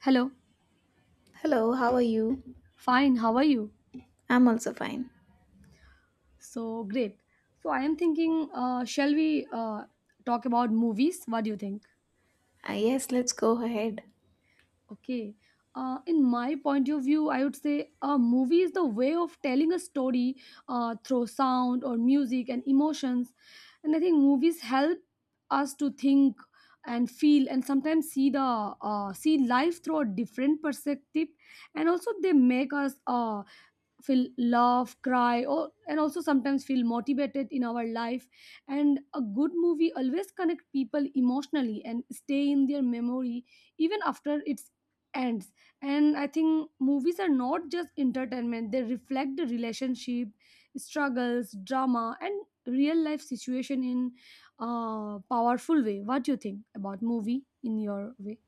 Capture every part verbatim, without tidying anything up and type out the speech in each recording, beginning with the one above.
Hello. Hello, how are you? Fine. How are you? I'm also fine. So great. So I am thinking, uh, shall we uh, talk about movies? What do you think? Uh, yes, let's go ahead. Okay. Uh, in my point of view, I would say a movie is the way of telling a story uh, through sound or music and emotions. And I think movies help us to think and feel and sometimes see the uh, see life through a different perspective, and also they make us uh, feel, laugh, cry, or and also sometimes feel motivated in our life, and a good movie always connect people emotionally and stay in their memory even after its ends. And I think movies are not just entertainment, they reflect the relationship, struggles, drama, and real life situation in a powerful way. What do you think about movie in your way?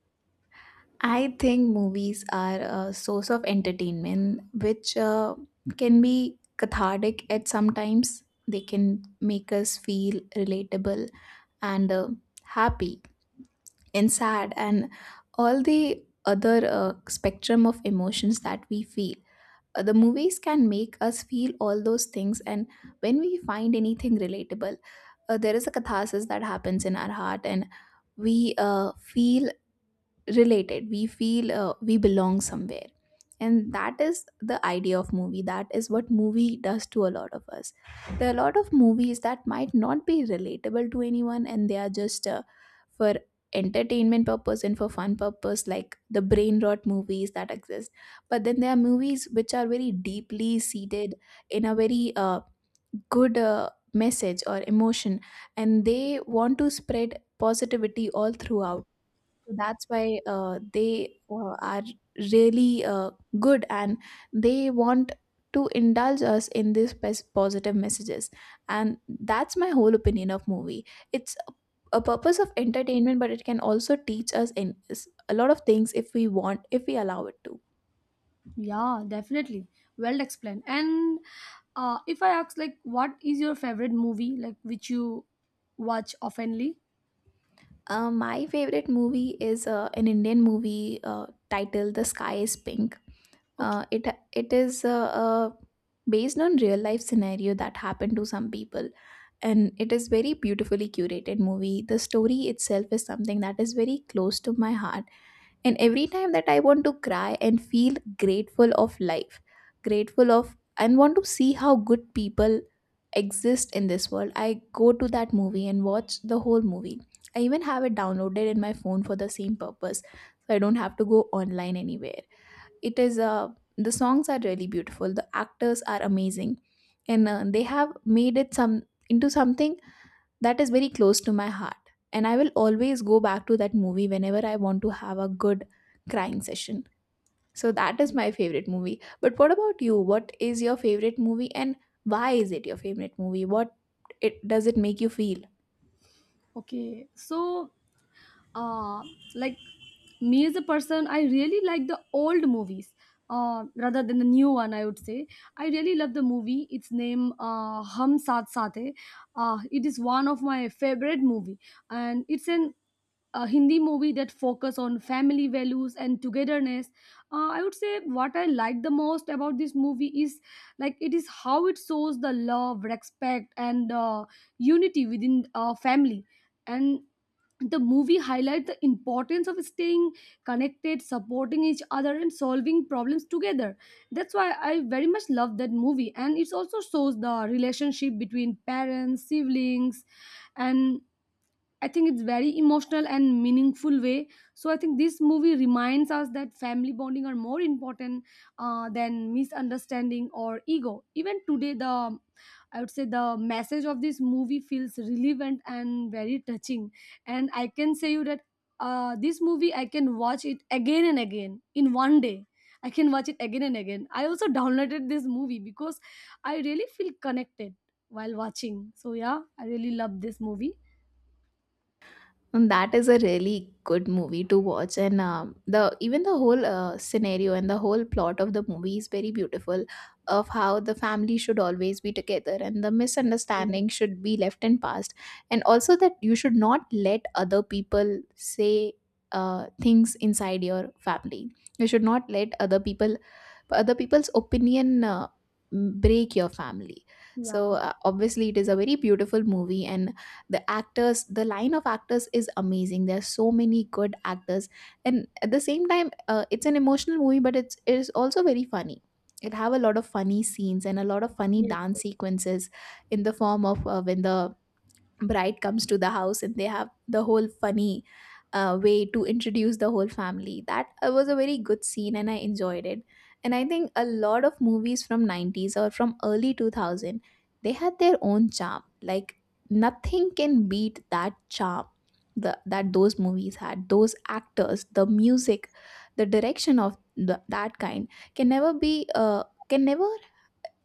I think movies are a source of entertainment which uh, can be cathartic at some times. They can make us feel relatable and uh, happy and sad and all the other uh, spectrum of emotions that we feel. Uh, the movies can make us feel all those things, and when we find anything relatable, uh, there is a catharsis that happens in our heart, and we uh, feel related. We feel uh, we belong somewhere, and that is the idea of movie. That is what movie does to a lot of us. There are a lot of movies that might not be relatable to anyone, and they are just uh, for entertainment purpose and for fun purpose, like the brain rot movies that exist. But then there are movies which are very deeply seated in a very uh, good uh, message or emotion, and they want to spread positivity all throughout. So that's why uh, they uh, are really uh, good, and they want to indulge us in these pos- positive messages. And that's my whole opinion of movie. It's a a purpose of entertainment, but it can also teach us in s- a lot of things if we want, if we allow it to. Yeah, definitely. Well explained. And uh, if I ask, like, what is your favorite movie, like, which you watch oftenly? Uh, my favorite movie is uh, an Indian movie uh, titled The Sky Is Pink. Okay, uh, it it is uh, uh, based on real life scenario that happened to some people, and it is very beautifully curated movie. The story itself is something that is very close to my heart, and every time that I want to cry and feel grateful of life, grateful of, and want to see how good people exist in this world, I go to that movie and watch the whole movie. I even have it downloaded in my phone for the same purpose, so I don't have to go online anywhere. It is uh, the songs are really beautiful, the actors are amazing, and uh, they have made it some into something that is very close to my heart, and I will always go back to that movie whenever I want to have a good crying session. So that is okay, my favorite movie. But what about you? What is your favorite movie, and why is it your favorite movie? What it does, it make you feel? okay. So, uh, like, me as a person, I really like the old movies. Uh, rather than the new one, I would say I really love the movie. Its name uh, Hum Saath Saath Hai. Uh, it is one of my favorite movie, and it's an a Hindi movie that focus on family values and togetherness. Uh, I would say what I like the most about this movie is, like, it is how it shows the love, respect, and uh, unity within a family. And the movie highlight the importance of staying connected, supporting each other, and solving problems together. That's why I very much love that movie. And it also shows the relationship between parents, siblings, and I think it's very emotional and meaningful way. So I think this movie reminds us that family bonding are more important uh, than misunderstanding or ego. Even today, the I would say the message of this movie feels relevant and very touching. And I can say you that, uh, this movie I can watch it again and again in one day. I can watch it again and again. I also downloaded this movie because I really feel connected while watching. So yeah, I really love this movie. And that is a really good movie to watch, and um, the even the whole uh, scenario and the whole plot of the movie is very beautiful, of how the family should always be together and the misunderstanding should be left in past, and also that you should not let other people say uh, things inside your family. You should not let other people, but other people's opinion uh, break your family. So Yeah. uh, obviously it is a very beautiful movie, and the actors, the line of actors is amazing. There are so many good actors, and at the same time uh, it's an emotional movie, but it's it is also very funny. It have a lot of funny scenes and a lot of funny Yes. dance Yes. sequences, in the form of uh, when the bride comes to the house and they have the whole funny uh, way to introduce the whole family. That uh, was a very good scene, and I enjoyed it. And I think a lot of movies from nineties or from early two thousand, they had their own charm. Like, nothing can beat that charm. The, that those movies had, those actors, the music, the direction of the, that kind can never be, uh, can never.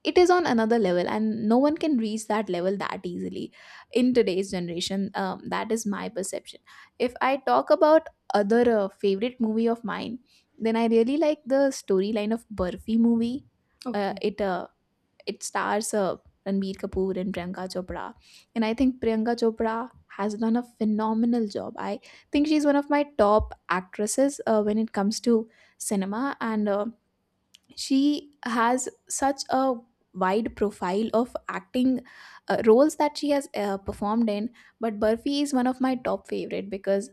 It is on another level, and no one can reach that level that easily in today's generation. Um, that is my perception. If I talk about other uh, favorite movie of mine, then I really like the storyline of Burfi movie. uh, Okay. it uh, it stars uh, Ranbir Kapoor and Priyanka Chopra, and I think Priyanka Chopra has done a phenomenal job. I think she's one of my top actresses uh, when it comes to cinema, and uh, she has such a wide profile of acting uh, roles that she has uh, performed in. But Burfi is one of my top favorite because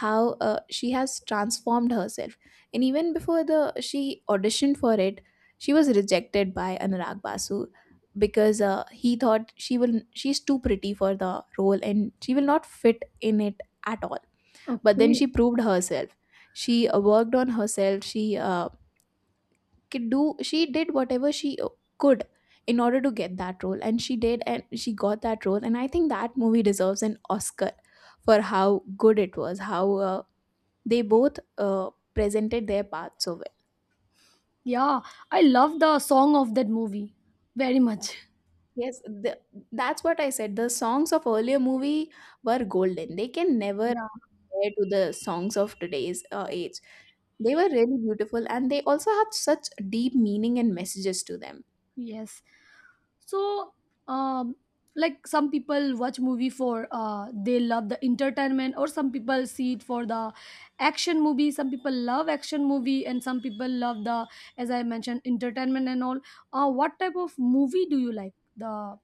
how uh, she has transformed herself, and even before the she auditioned for it, she was rejected by Anurag Basu, because uh, he thought she will she's too pretty for the role and she will not fit in it at all. But then Okay. she proved herself. She uh, worked on herself. She uh, could do, she did whatever she uh, could, in order to get that role, and she did, and she got that role. And I think that movie deserves an Oscar for how good it was, how uh, they both uh, presented their parts so well. Yeah. I love the song of that movie very much. Yes, the, that's what I said, the songs of earlier movie were golden, they can never Yeah. compare to the songs of today's uh, age. They were really beautiful, and they also had such deep meaning and messages to them. Yes. So, um, like, some people watch movie for uh they love the entertainment, or some people see it for the action movie. Some people love action movie, and some people love the, as I mentioned, entertainment and all. Uh what type of movie do you like, the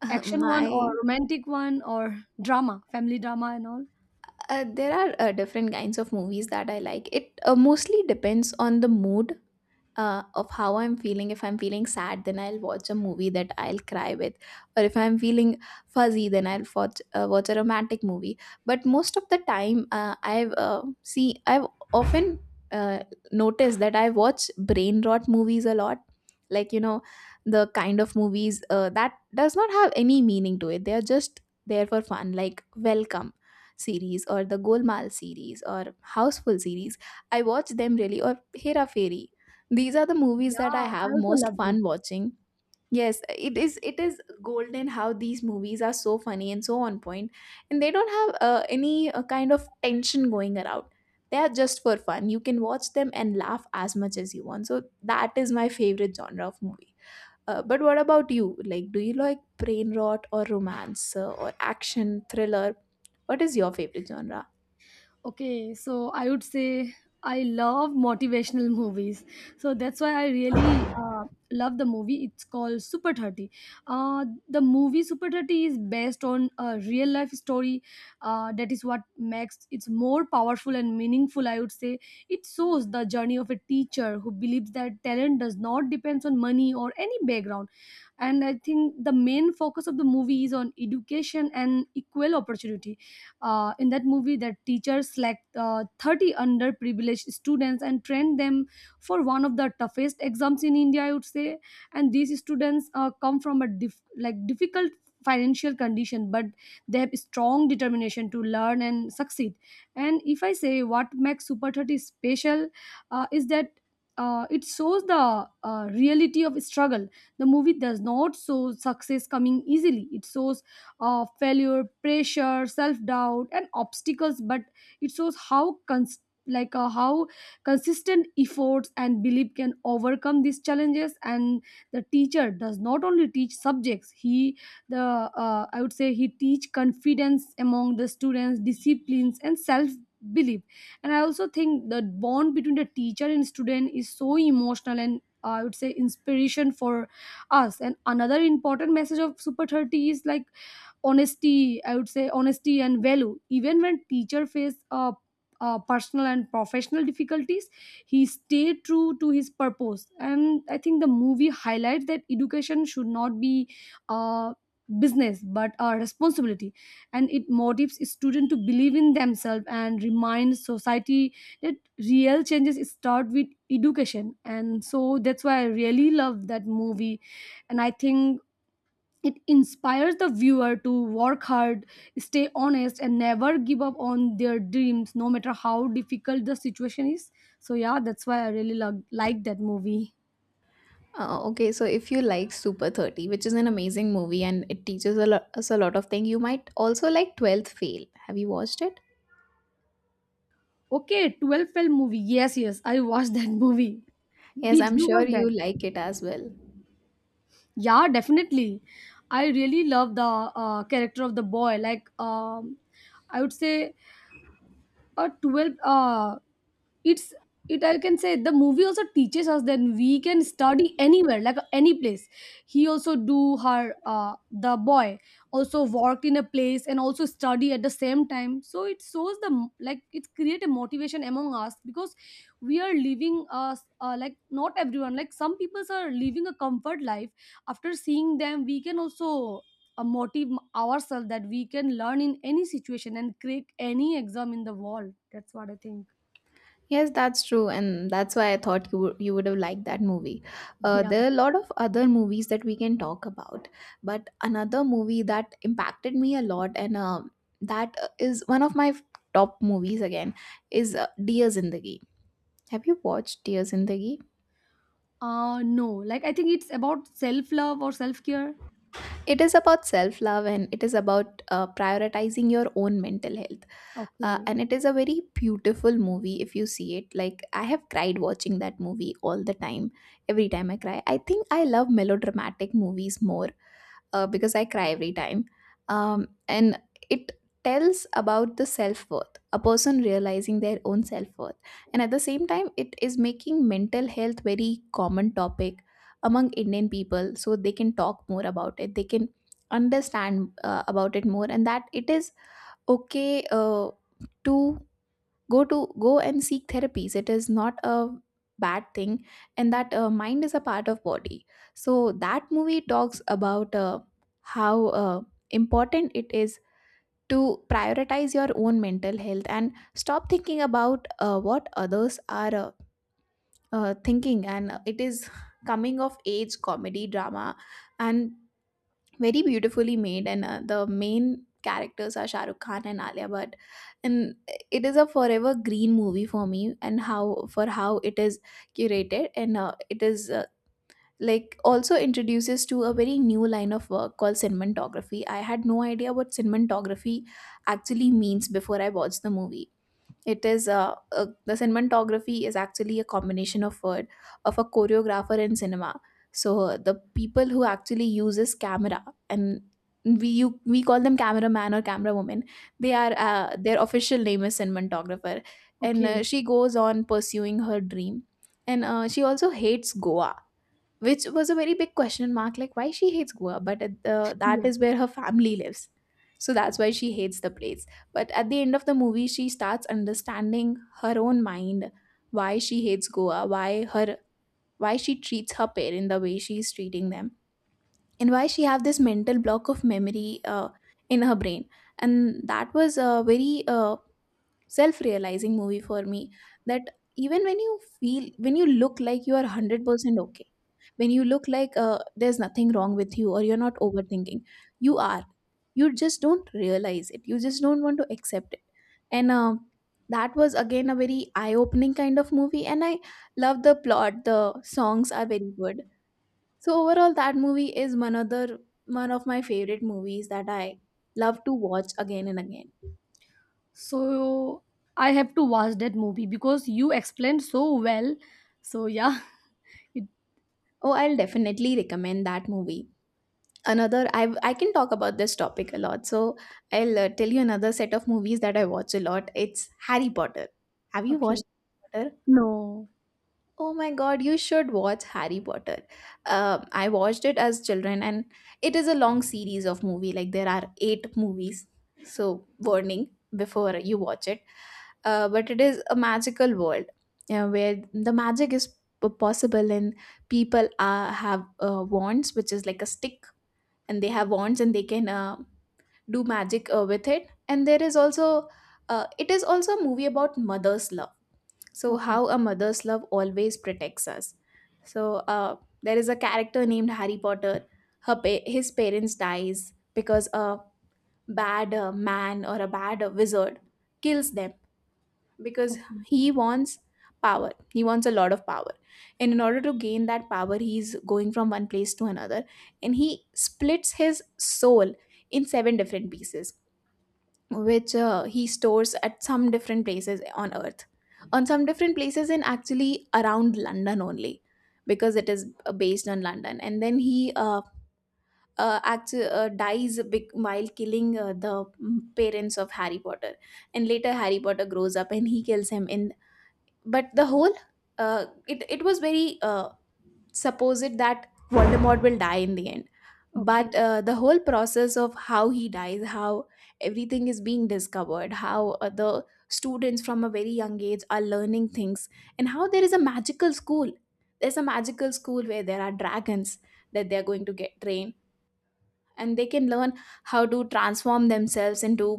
action one my or romantic one or drama, family drama and all? Uh, there are uh, different kinds of movies that I like. It uh, mostly depends on the mood uh, of how I'm feeling. If I'm feeling sad, then I'll watch a movie that I'll cry with, or if I'm feeling fuzzy, then I'll watch uh, watch a romantic movie. But most of the time, uh, I've uh, see I've often uh, noticed that I watch brain rot movies a lot. Like, you know, the kind of movies uh, that does not have any meaning to it. They are just there for fun, like Welcome series or the Golmaal series or Houseful series. I watch them really, or Hera Fairy, these are the movies that I Yeah, I have also most loved it. fun watching. Yes, it is it is golden how these movies are so funny and so on point, and they don't have uh, any uh, kind of tension going around. They are just for fun, you can watch them and laugh as much as you want. So that is my favorite genre of movie. Uh, but what about you? Like, do you like brain rot or romance uh, or action thriller? What is your favorite genre? Okay, so I would say I love motivational movies. So that's why I really uh, love the movie. It's called Super thirty. Uh, the movie Super thirty is based on a real life story. Uh, that is what makes it more powerful and meaningful, I would say. It shows the journey of a teacher who believes that talent does not depend on money or any background, and I think the main focus of the movie is on education and equal opportunity. Uh, in that movie, that teachers select uh, thirty underprivileged students and train them for one of the toughest exams in India, I would say. And these students uh, come from a dif- like, difficult financial condition, but they have strong determination to learn and succeed. And if I say what makes Super thirty special uh, is that, uh, it shows the uh, reality of struggle. The movie does not show success coming easily. It shows uh, failure, pressure, self-doubt, and obstacles. But it shows how cons- like, uh, how consistent efforts and belief can overcome these challenges. And the teacher does not only teach subjects. He, the uh, I would say he teach confidence among the students, disciplines, and self belief, and I also think the bond between the teacher and student is so emotional and, uh, I would say, inspiration for us. And another important message of Super thirty is like honesty, I would say, honesty and value, even when teacher face uh, uh, personal and professional difficulties, he stayed true to his purpose. And I think the movie highlights that education should not be uh, business, but a responsibility, and it motivates students to believe in themselves and remind society that real changes start with education. And so that's why I really love that movie. And I think it inspires the viewer to work hard, stay honest, and never give up on their dreams, no matter how difficult the situation is. So, yeah, that's why I really lo- like that movie. Uh, okay, so if you like Super thirty, which is an amazing movie and it teaches a lot, us a lot of things, you might also like twelfth Fail. Have you watched it? Okay, twelve film movie. Yes, yes, I watched that movie. Yes, Did I'm you sure watch that? you like it as well. Yeah, definitely. I really love the uh, character of the boy. Like, um, I would say. Or twelve, uh it's it I can say the movie also teaches us that we can study anywhere, like, uh, any place. He also do her, uh the boy also worked in a place and also study at the same time, so it shows the m- like, it create a motivation among us because we are living us, uh, like, not everyone, like, some people are living a comfort life. After seeing them, we can also a motive ourselves that we can learn in any situation and crack any exam in the world. That's what I think. Yes, that's true, and that's why I thought you would, you would have liked that movie. Uh, Yeah. There are a lot of other movies that we can talk about, but another movie that impacted me a lot, and uh, that uh, is one of my top movies again, is uh, Dear Zindagi. Have you watched Dear Zindagi? Uh no, like I think it's about self love or self care. It is about self love, and it is about uh, prioritizing your own mental health. Uh, Okay. And it is a very beautiful movie if you see it. Like, I have cried watching that movie all the time. Every time I cry, I think I love melodramatic movies more uh, because I cry every time. Um, and it tells about the self worth, a person realizing their own self worth. And at the same time, it is making mental health very common topic among Indian people, so they can talk more about it. They can understand uh, about it more, and that it is okay uh, to go to go and seek therapies. It is not a bad thing, and that uh, mind is a part of body. So that movie talks about uh, how uh, important it is to prioritize your own mental health and stop thinking about uh, what others are uh, uh, thinking. And it is coming of age comedy drama, and very beautifully made, and uh, the main characters are Shah Rukh Khan and Alia Bhatt, and it is a forever green movie for me, and how for how it is curated, and uh, it is uh, like, also introduces to a very new line of work called cinematography. I had no idea what cinematography actually means before I watched the movie. It is uh, uh, the cinematography is actually a combination of word of a choreographer in cinema. So uh, the people who actually uses camera, and we you, we call them cameraman or camera woman. They are uh, Their official name is cinematographer, and uh, Okay. she goes on pursuing her dream. And uh, she also hates Goa, which was a very big question mark, like why she hates Goa, but at the, that Yeah. is where her family lives, so that's why she hates the place. But at the end of the movie, she starts understanding her own mind, why she hates Goa, why her why she treats her parent the way she is treating them, and why she have this mental block of memory uh, in her brain. And that was a very uh, self-realizing movie for me, that even when you feel, when you look like you are one hundred percent okay, when you look like uh, there's nothing wrong with you or you're not overthinking, you are you just don't realize it, you just don't want to accept it. And uh, that was again a very eye-opening kind of movie, and I love the plot, the songs are very good. So overall that movie is one other one of my favorite movies that I love to watch again and again. So I have to watch that movie because you explained so well. So yeah, it, Oh, I'll definitely recommend that movie. Another, I I can talk about this topic a lot, so I'll uh, tell you another set of movies that I watch a lot. It's Harry Potter. Have you watched Okay. Harry Potter? No. Oh my god, you should watch Harry Potter. Um, I watched it as children, and it is a long series of movie, like there are eight movies. So warning before you watch it. Uh, but it is a magical world uh, where the magic is p- possible, and people uh, have uh, wands, which is like a stick, and they have wands and they can uh, do magic uh, with it. And there is also, uh, it is also a movie about mother's love, so Okay. how a mother's love always protects us. So uh, there is a character named Harry Potter. Her pa- his parents dies because a bad uh, man or a bad uh, wizard kills them, because Okay. he wants power, he wants a lot of power, and in order to gain that power, he's going from one place to another, and he splits his soul in seven different pieces, which uh, he stores at some different places on earth, on some different places, and actually around London only, because it is uh, based on London. And then he uh, uh, actually uh, dies big while killing uh, the mm, parents of Harry Potter. And later Harry Potter grows up and he kills him in. But the whole, uh, it, it was very uh, suppose it that Voldemort will die in the end. But Okay. uh, the whole process of how he dies, how everything is being discovered, how uh, the students from a very young age are learning things, and how there is a magical school. There's a magical school where there are dragons that they're going to get trained, and they can learn how to transform themselves into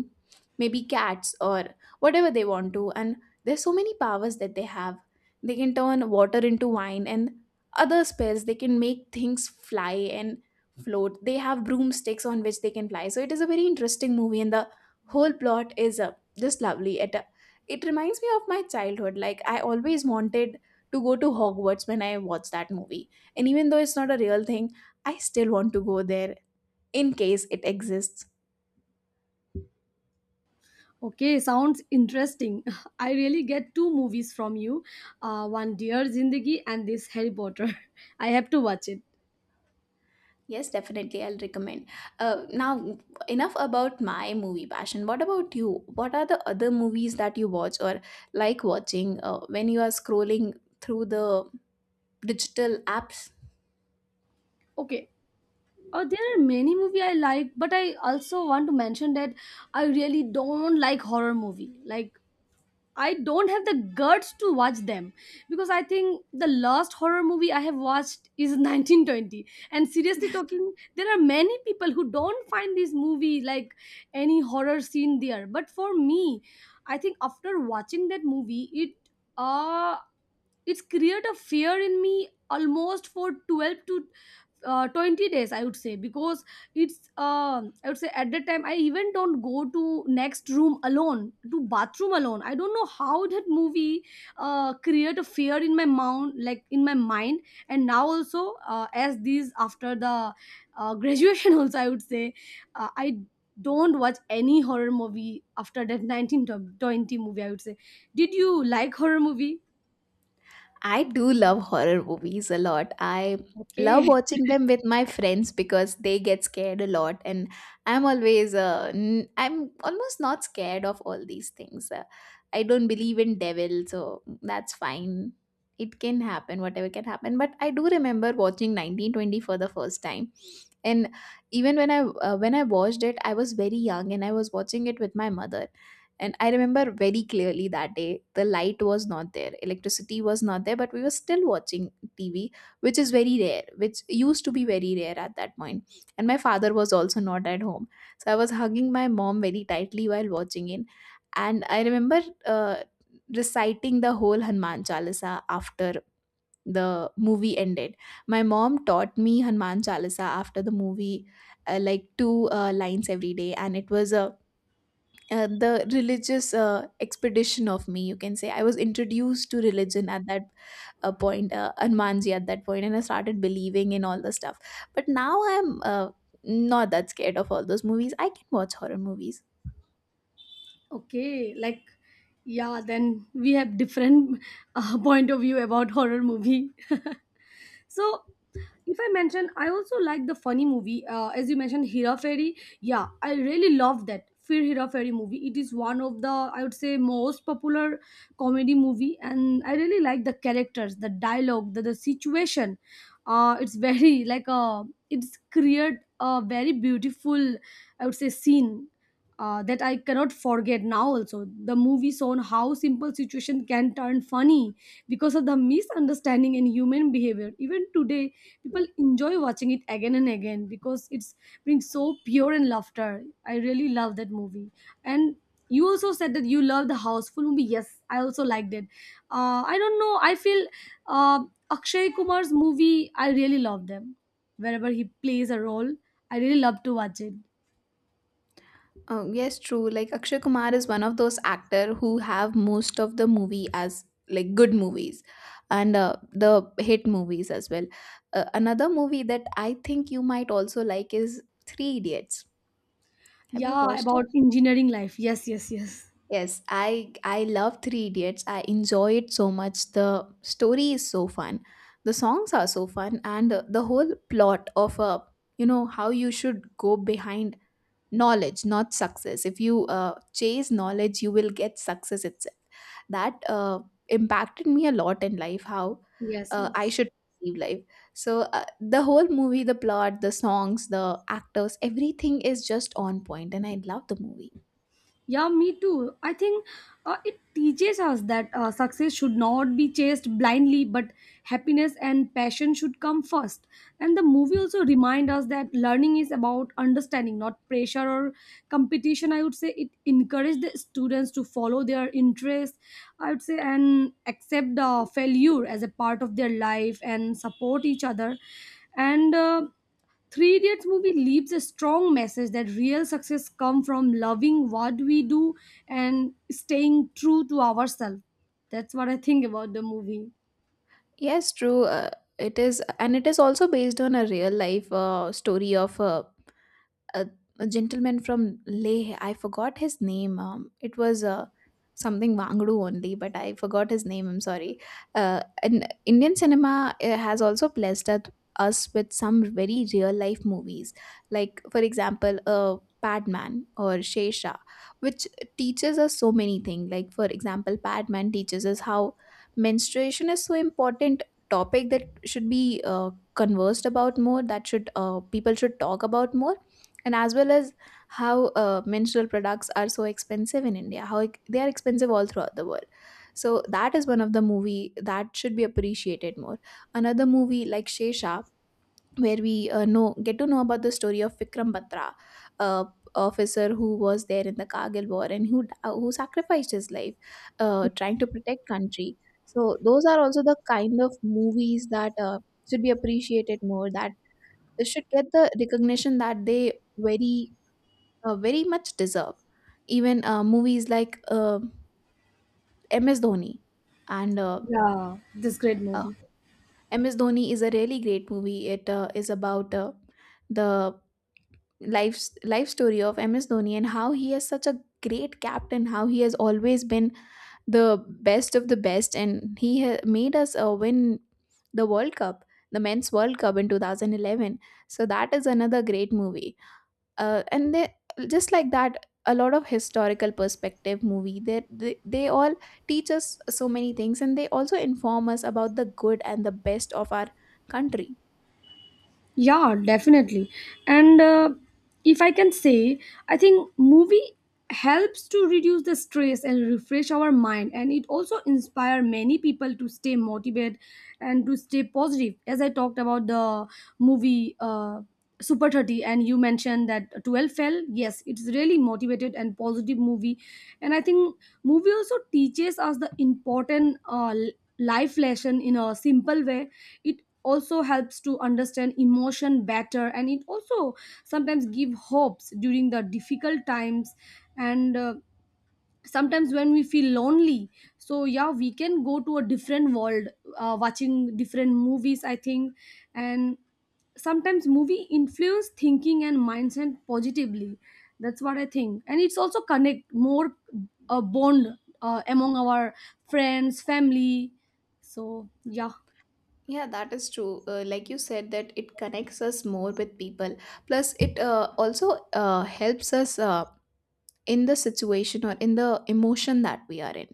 maybe cats or whatever they want to, and there's so many powers that they have. They can turn water into wine, and other spells, they can make things fly and float. They have broomsticks on which they can fly. So it is a very interesting movie, and the whole plot is uh, just lovely. It uh, it reminds me of my childhood, like I always wanted to go to Hogwarts when I watched that movie, and even though it's not a real thing, I still want to go there in case it exists. Okay, sounds interesting. I really get two movies from you, uh, one Dear Zindagi and this Harry Potter. I have to watch it. Yes, definitely. I'll recommend. Uh, now, enough about my movie passion. What about you? What are the other movies that you watch or like watching uh, when you are scrolling through the digital apps? Okay. Oh, there are many movie I like, but I also want to mention that I really don't like horror movie. Like, I don't have the guts to watch them because I think the last horror movie I have watched is nineteen twenty. And seriously talking, there are many people who don't find this movie like any horror scene there. But for me, I think after watching that movie, it uh it's created a fear in me almost for twelve to uh, twenty days, I would say, because it's, um I would say, at that time I even don't go to next room alone, to bathroom alone. I don't know how that movie uh, create a fear in my mind, like, in my mind. And now also, uh, as these after the uh, graduation also, I would say, uh, I don't watch any horror movie after that nineteen twenty movie, I would say. Did you like horror movie? I do love horror movies a lot. I love Okay. watching them with my friends because they get scared a lot, and I'm always uh, n- I'm almost not scared of all these things. Uh, I don't believe in devil, so that's fine. It can happen, whatever can happen. But I do remember watching nineteen twenty for the first time, and even when i uh, when i watched it, I was very young and I was watching it with my mother. And I remember very clearly that day, the light was not there, electricity was not there, but we were still watching T V, which is very rare, which used to be very rare at that point point. And my father was also not at home, so I was hugging my mom very tightly while watching it. And I remember uh, reciting the whole Hanuman Chalisa after the movie ended. My mom taught me Hanuman Chalisa after the movie, uh, like two uh, lines every day, and it was a uh, the religious uh, expedition of me. You can say I was introduced to religion at that a point, uh, Hanumanji at that point, and I started believing in all the stuff. But now I'm uh, not that scared of all those movies. I can watch horror movies. Okay, like, yeah, then we have different uh, point of view about horror movie. So if I mention, I also like the funny movie. Uh, as you mentioned, Hera Fairy. Yeah, I really love that Fir Hera Fairy movie. It is one of the, I would say, most popular comedy movie, and I really like the characters, the dialogue, the, the situation. Uh, it's very like a it's created a very beautiful, I would say, scene. Uh, that I cannot forget now. Also, the movie shown how simple situation can turn funny because of the misunderstanding in human behavior. Even today people enjoy watching it again and again because it's brings so pure and laughter. I really love that movie. And you also said that you love the Houseful movie, yes, I also liked it. uh, I don't know, I feel, uh, Akshay Kumar's movie, I really love them. Wherever he plays a role, I really love to watch it. Oh, yes, true. Like Akshay Kumar is one of those actor who have most of the movie as like good movies, and uh, the hit movies as well. Uh, another movie that I think you might also like is Three Idiots. Have you Yeah, watched it? about engineering life. Yes, yes, yes. Yes, I I love Three Idiots. I enjoy it so much. The story is so fun. The songs are so fun, and uh, the whole plot of, uh, you know how you should go behind knowledge, not success. If you uh, chase knowledge, you will get success itself. That uh, impacted me a lot in life, how Yes, uh, I yes. should perceive life. So uh, the whole movie, the plot, the songs, the actors, everything is just on point, and I love the movie. Yeah, me too. I think, uh, it teaches us that, uh, success should not be chased blindly, but happiness and passion should come first. And the movie also reminds us that learning is about understanding, not pressure or competition. I would say it encouraged the students to follow their interests, I would say, and accept the failure as a part of their life and support each other. And uh, Three Idiots movie leaves a strong message that real success comes from loving what we do and staying true to ourselves. That's what I think about the movie. Yes, true. Uh, it is, and it is also based on a real life uh, story of a a, a gentleman from Leh. I forgot his name. Um, it was uh, something Wangdu only, but I forgot his name. I'm sorry. Uh, and Indian cinema uh, has also blessed at- us with some very real life movies, like for example, uh, Padman or Shesha, which teaches us so many things. Like for example, Padman teaches us how menstruation is so important topic that should be uh, conversed about more, that should, uh, people should talk about more, and as well as how uh, menstrual products are so expensive in India, how ex- they are expensive all throughout the world. So that is one of the movie that should be appreciated more. Another movie like Shesha, where we uh, know get to know about the story of Vikram Batra, uh, officer who was there in the Kargil War and who uh, who sacrificed his life uh, trying to protect country. So those are also the kind of movies that uh, should be appreciated more, that should get the recognition that they very uh, very much deserve. Even uh, movies like uh, M S Dhoni and uh, Yeah, this great uh, movie. M S Dhoni is a really great movie. It uh, is about uh, the life life story of M S Dhoni and how he is such a great captain. How he has always been the best of the best, and he ha- made us uh, win the World Cup, the men's World Cup in two thousand eleven. So that is another great movie. Uh, and they, just like that, a lot of historical perspective movie, they, they they all teach us so many things, and they also inform us about the good and the best of our country. Yeah, definitely. And uh, if I can say, I think movie helps to reduce the stress and refresh our mind, and it also inspire many people to stay motivated and to stay positive, as I talked about the movie uh, Super thirty, and you mentioned that twelve fell, yes, it's really motivated and positive movie. And I think movie also teaches us the important uh, l- life lesson in a simple way. It also helps to understand emotion better, and it also sometimes give hopes during the difficult times, and, uh, sometimes when we feel lonely, so yeah, we can go to a different world, uh, watching different movies, I think. And sometimes movie influence thinking and mindset positively, that's what I think. And it's also connect more, uh, bond, uh, among our friends, family, so yeah. Yeah, that is true. Uh, like you said, that it connects us more with people. Plus, it uh, also uh, helps us uh, in the situation or in the emotion that we are in.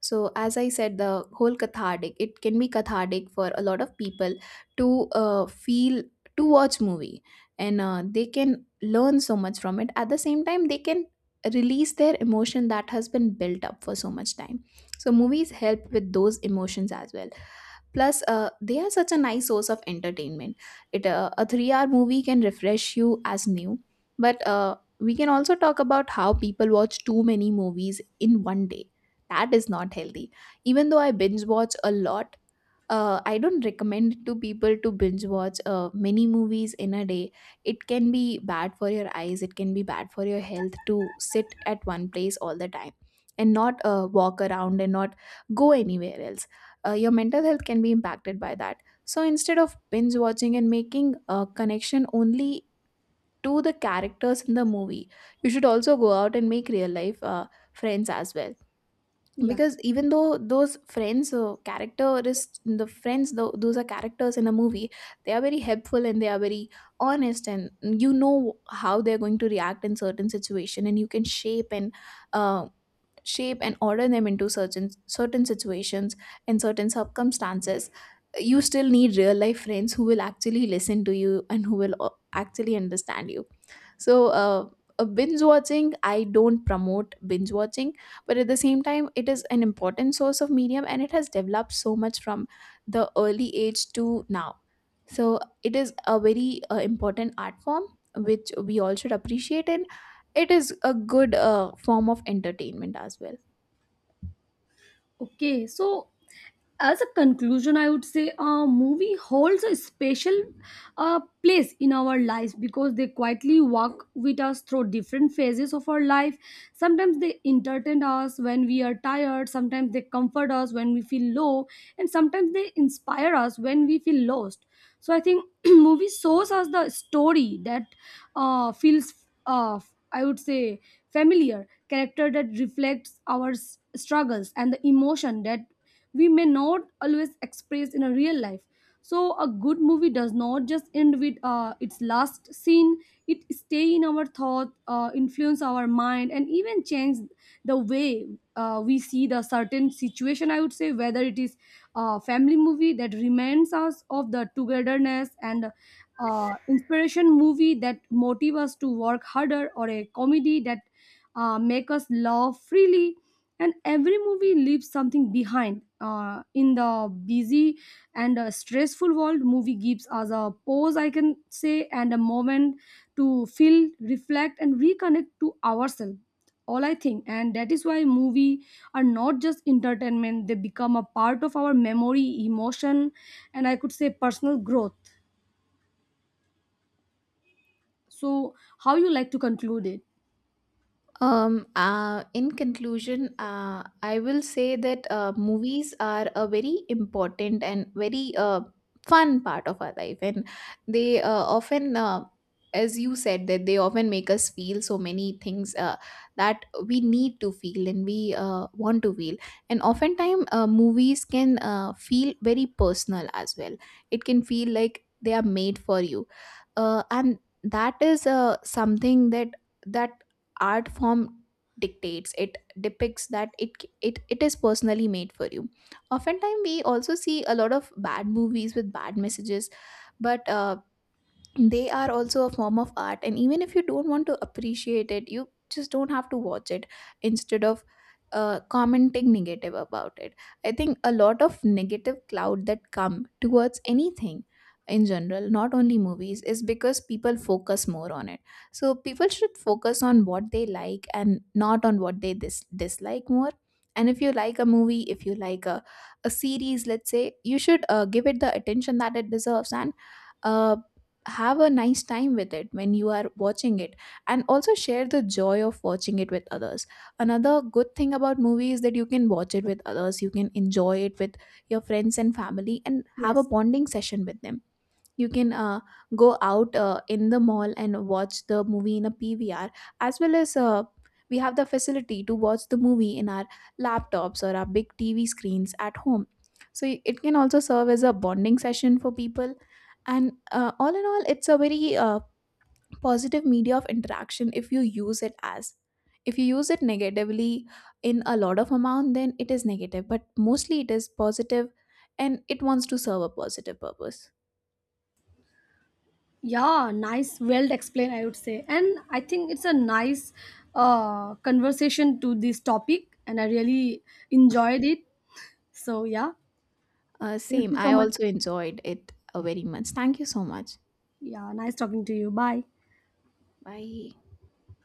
So, as I said, the whole cathartic, it can be cathartic for a lot of people to uh, feel, to watch movie. And uh, they can learn so much from it. At the same time, they can release their emotion that has been built up for so much time. So, movies help with those emotions as well. Plus, uh, they are such a nice source of entertainment. It uh, A three hour movie can refresh you as new. But uh, we can also talk about how people watch too many movies in one day, that is not healthy. Even though I binge watch a lot, uh, I don't recommend it to people to binge watch uh, many movies in a day. It can be bad for your eyes, it can be bad for your health to sit at one place all the time and not uh, walk around and not go anywhere else. Uh, your mental health can be impacted by that. So instead of binge watching and making a connection only to the characters in the movie, you should also go out and make real life uh, friends as well. Yeah. Because even though those friends uh, characteristics the friends though those are characters in a movie, they are very helpful and they are very honest, and you know how they're going to react in certain situation, and you can shape and uh, shape and order them into certain certain situations and certain circumstances. You still need real life friends who will actually listen to you and who will uh, actually understand you. So uh, a binge watching, I don't promote binge watching, but at the same time, it is an important source of medium, and it has developed so much from the early age to now. So it is a very uh, important art form, which we all should appreciate, and it is a good uh, form of entertainment as well. Okay, so as a conclusion, I would say a movie holds a special uh, place in our lives, because they quietly walk with us through different phases of our life. Sometimes they entertain us when we are tired, sometimes they comfort us when we feel low, and sometimes they inspire us when we feel lost. So I think movie shows us the story that uh, feels, uh, I would say, familiar character that reflects our s- struggles and the emotion that we may not always express in a real life. So a good movie does not just end with uh, its last scene. It stay in our thought, uh, influence our mind, and even change the way uh, we see the certain situation, I would say. Whether it is a family movie that reminds us of the togetherness, and uh, inspiration movie that motive us to work harder, or a comedy that uh, make us laugh freely, and every movie leaves something behind. Uh, in the busy and uh, stressful world, movie gives us a pause, I can say, and a moment to feel, reflect, and reconnect to ourselves. All, I think. And that is why movie are not just entertainment, they become a part of our memory, emotion, and, I could say, personal growth. So, how you like to conclude it? Um, uh, in conclusion, uh, I will say that uh, movies are a very important and very uh, fun part of our life, and they uh, often, uh, as you said, that they often make us feel so many things uh, that we need to feel and we uh, want to feel. And oftentimes, uh, movies can uh, feel very personal as well. It can feel like they are made for you, uh, and that is uh, something that that art form dictates it depicts, that it it it is personally made for you. Oftentimes we also see a lot of bad movies with bad messages, but uh, they are also a form of art, and even if you don't want to appreciate it, you just don't have to watch it, instead of uh, commenting negative about it. I think a lot of negative cloud that come towards anything in general, not only movies, is because people focus more on it. So people should focus on what they like and not on what they dis- dislike more. And if you like a movie, if you like a, a series, let's say, you should uh, give it the attention that it deserves, and uh, have a nice time with it when you are watching it, and also share the joy of watching it with others. Another good thing about movie is that you can watch it with others, you can enjoy it with your friends and family and have a Yes. bonding session with them. You can uh, go out uh, in the mall and watch the movie in a P V R, as well as uh, we have the facility to watch the movie in our laptops or our big T V screens at home. So it can also serve as a bonding session for people. And uh, all in all, it's a very uh, positive media of interaction. If you use it as if you use it negatively in a lot of amount, then it is negative, but mostly it is positive, and it wants to serve a positive purpose. Yeah, nice, well explained, I would say. And I think it's a nice uh, conversation to this topic, and I really enjoyed it. So, yeah, Uh, thank same. you I so much. also enjoyed it uh, very much. Thank you so much. Yeah, nice talking to you. Bye. Bye.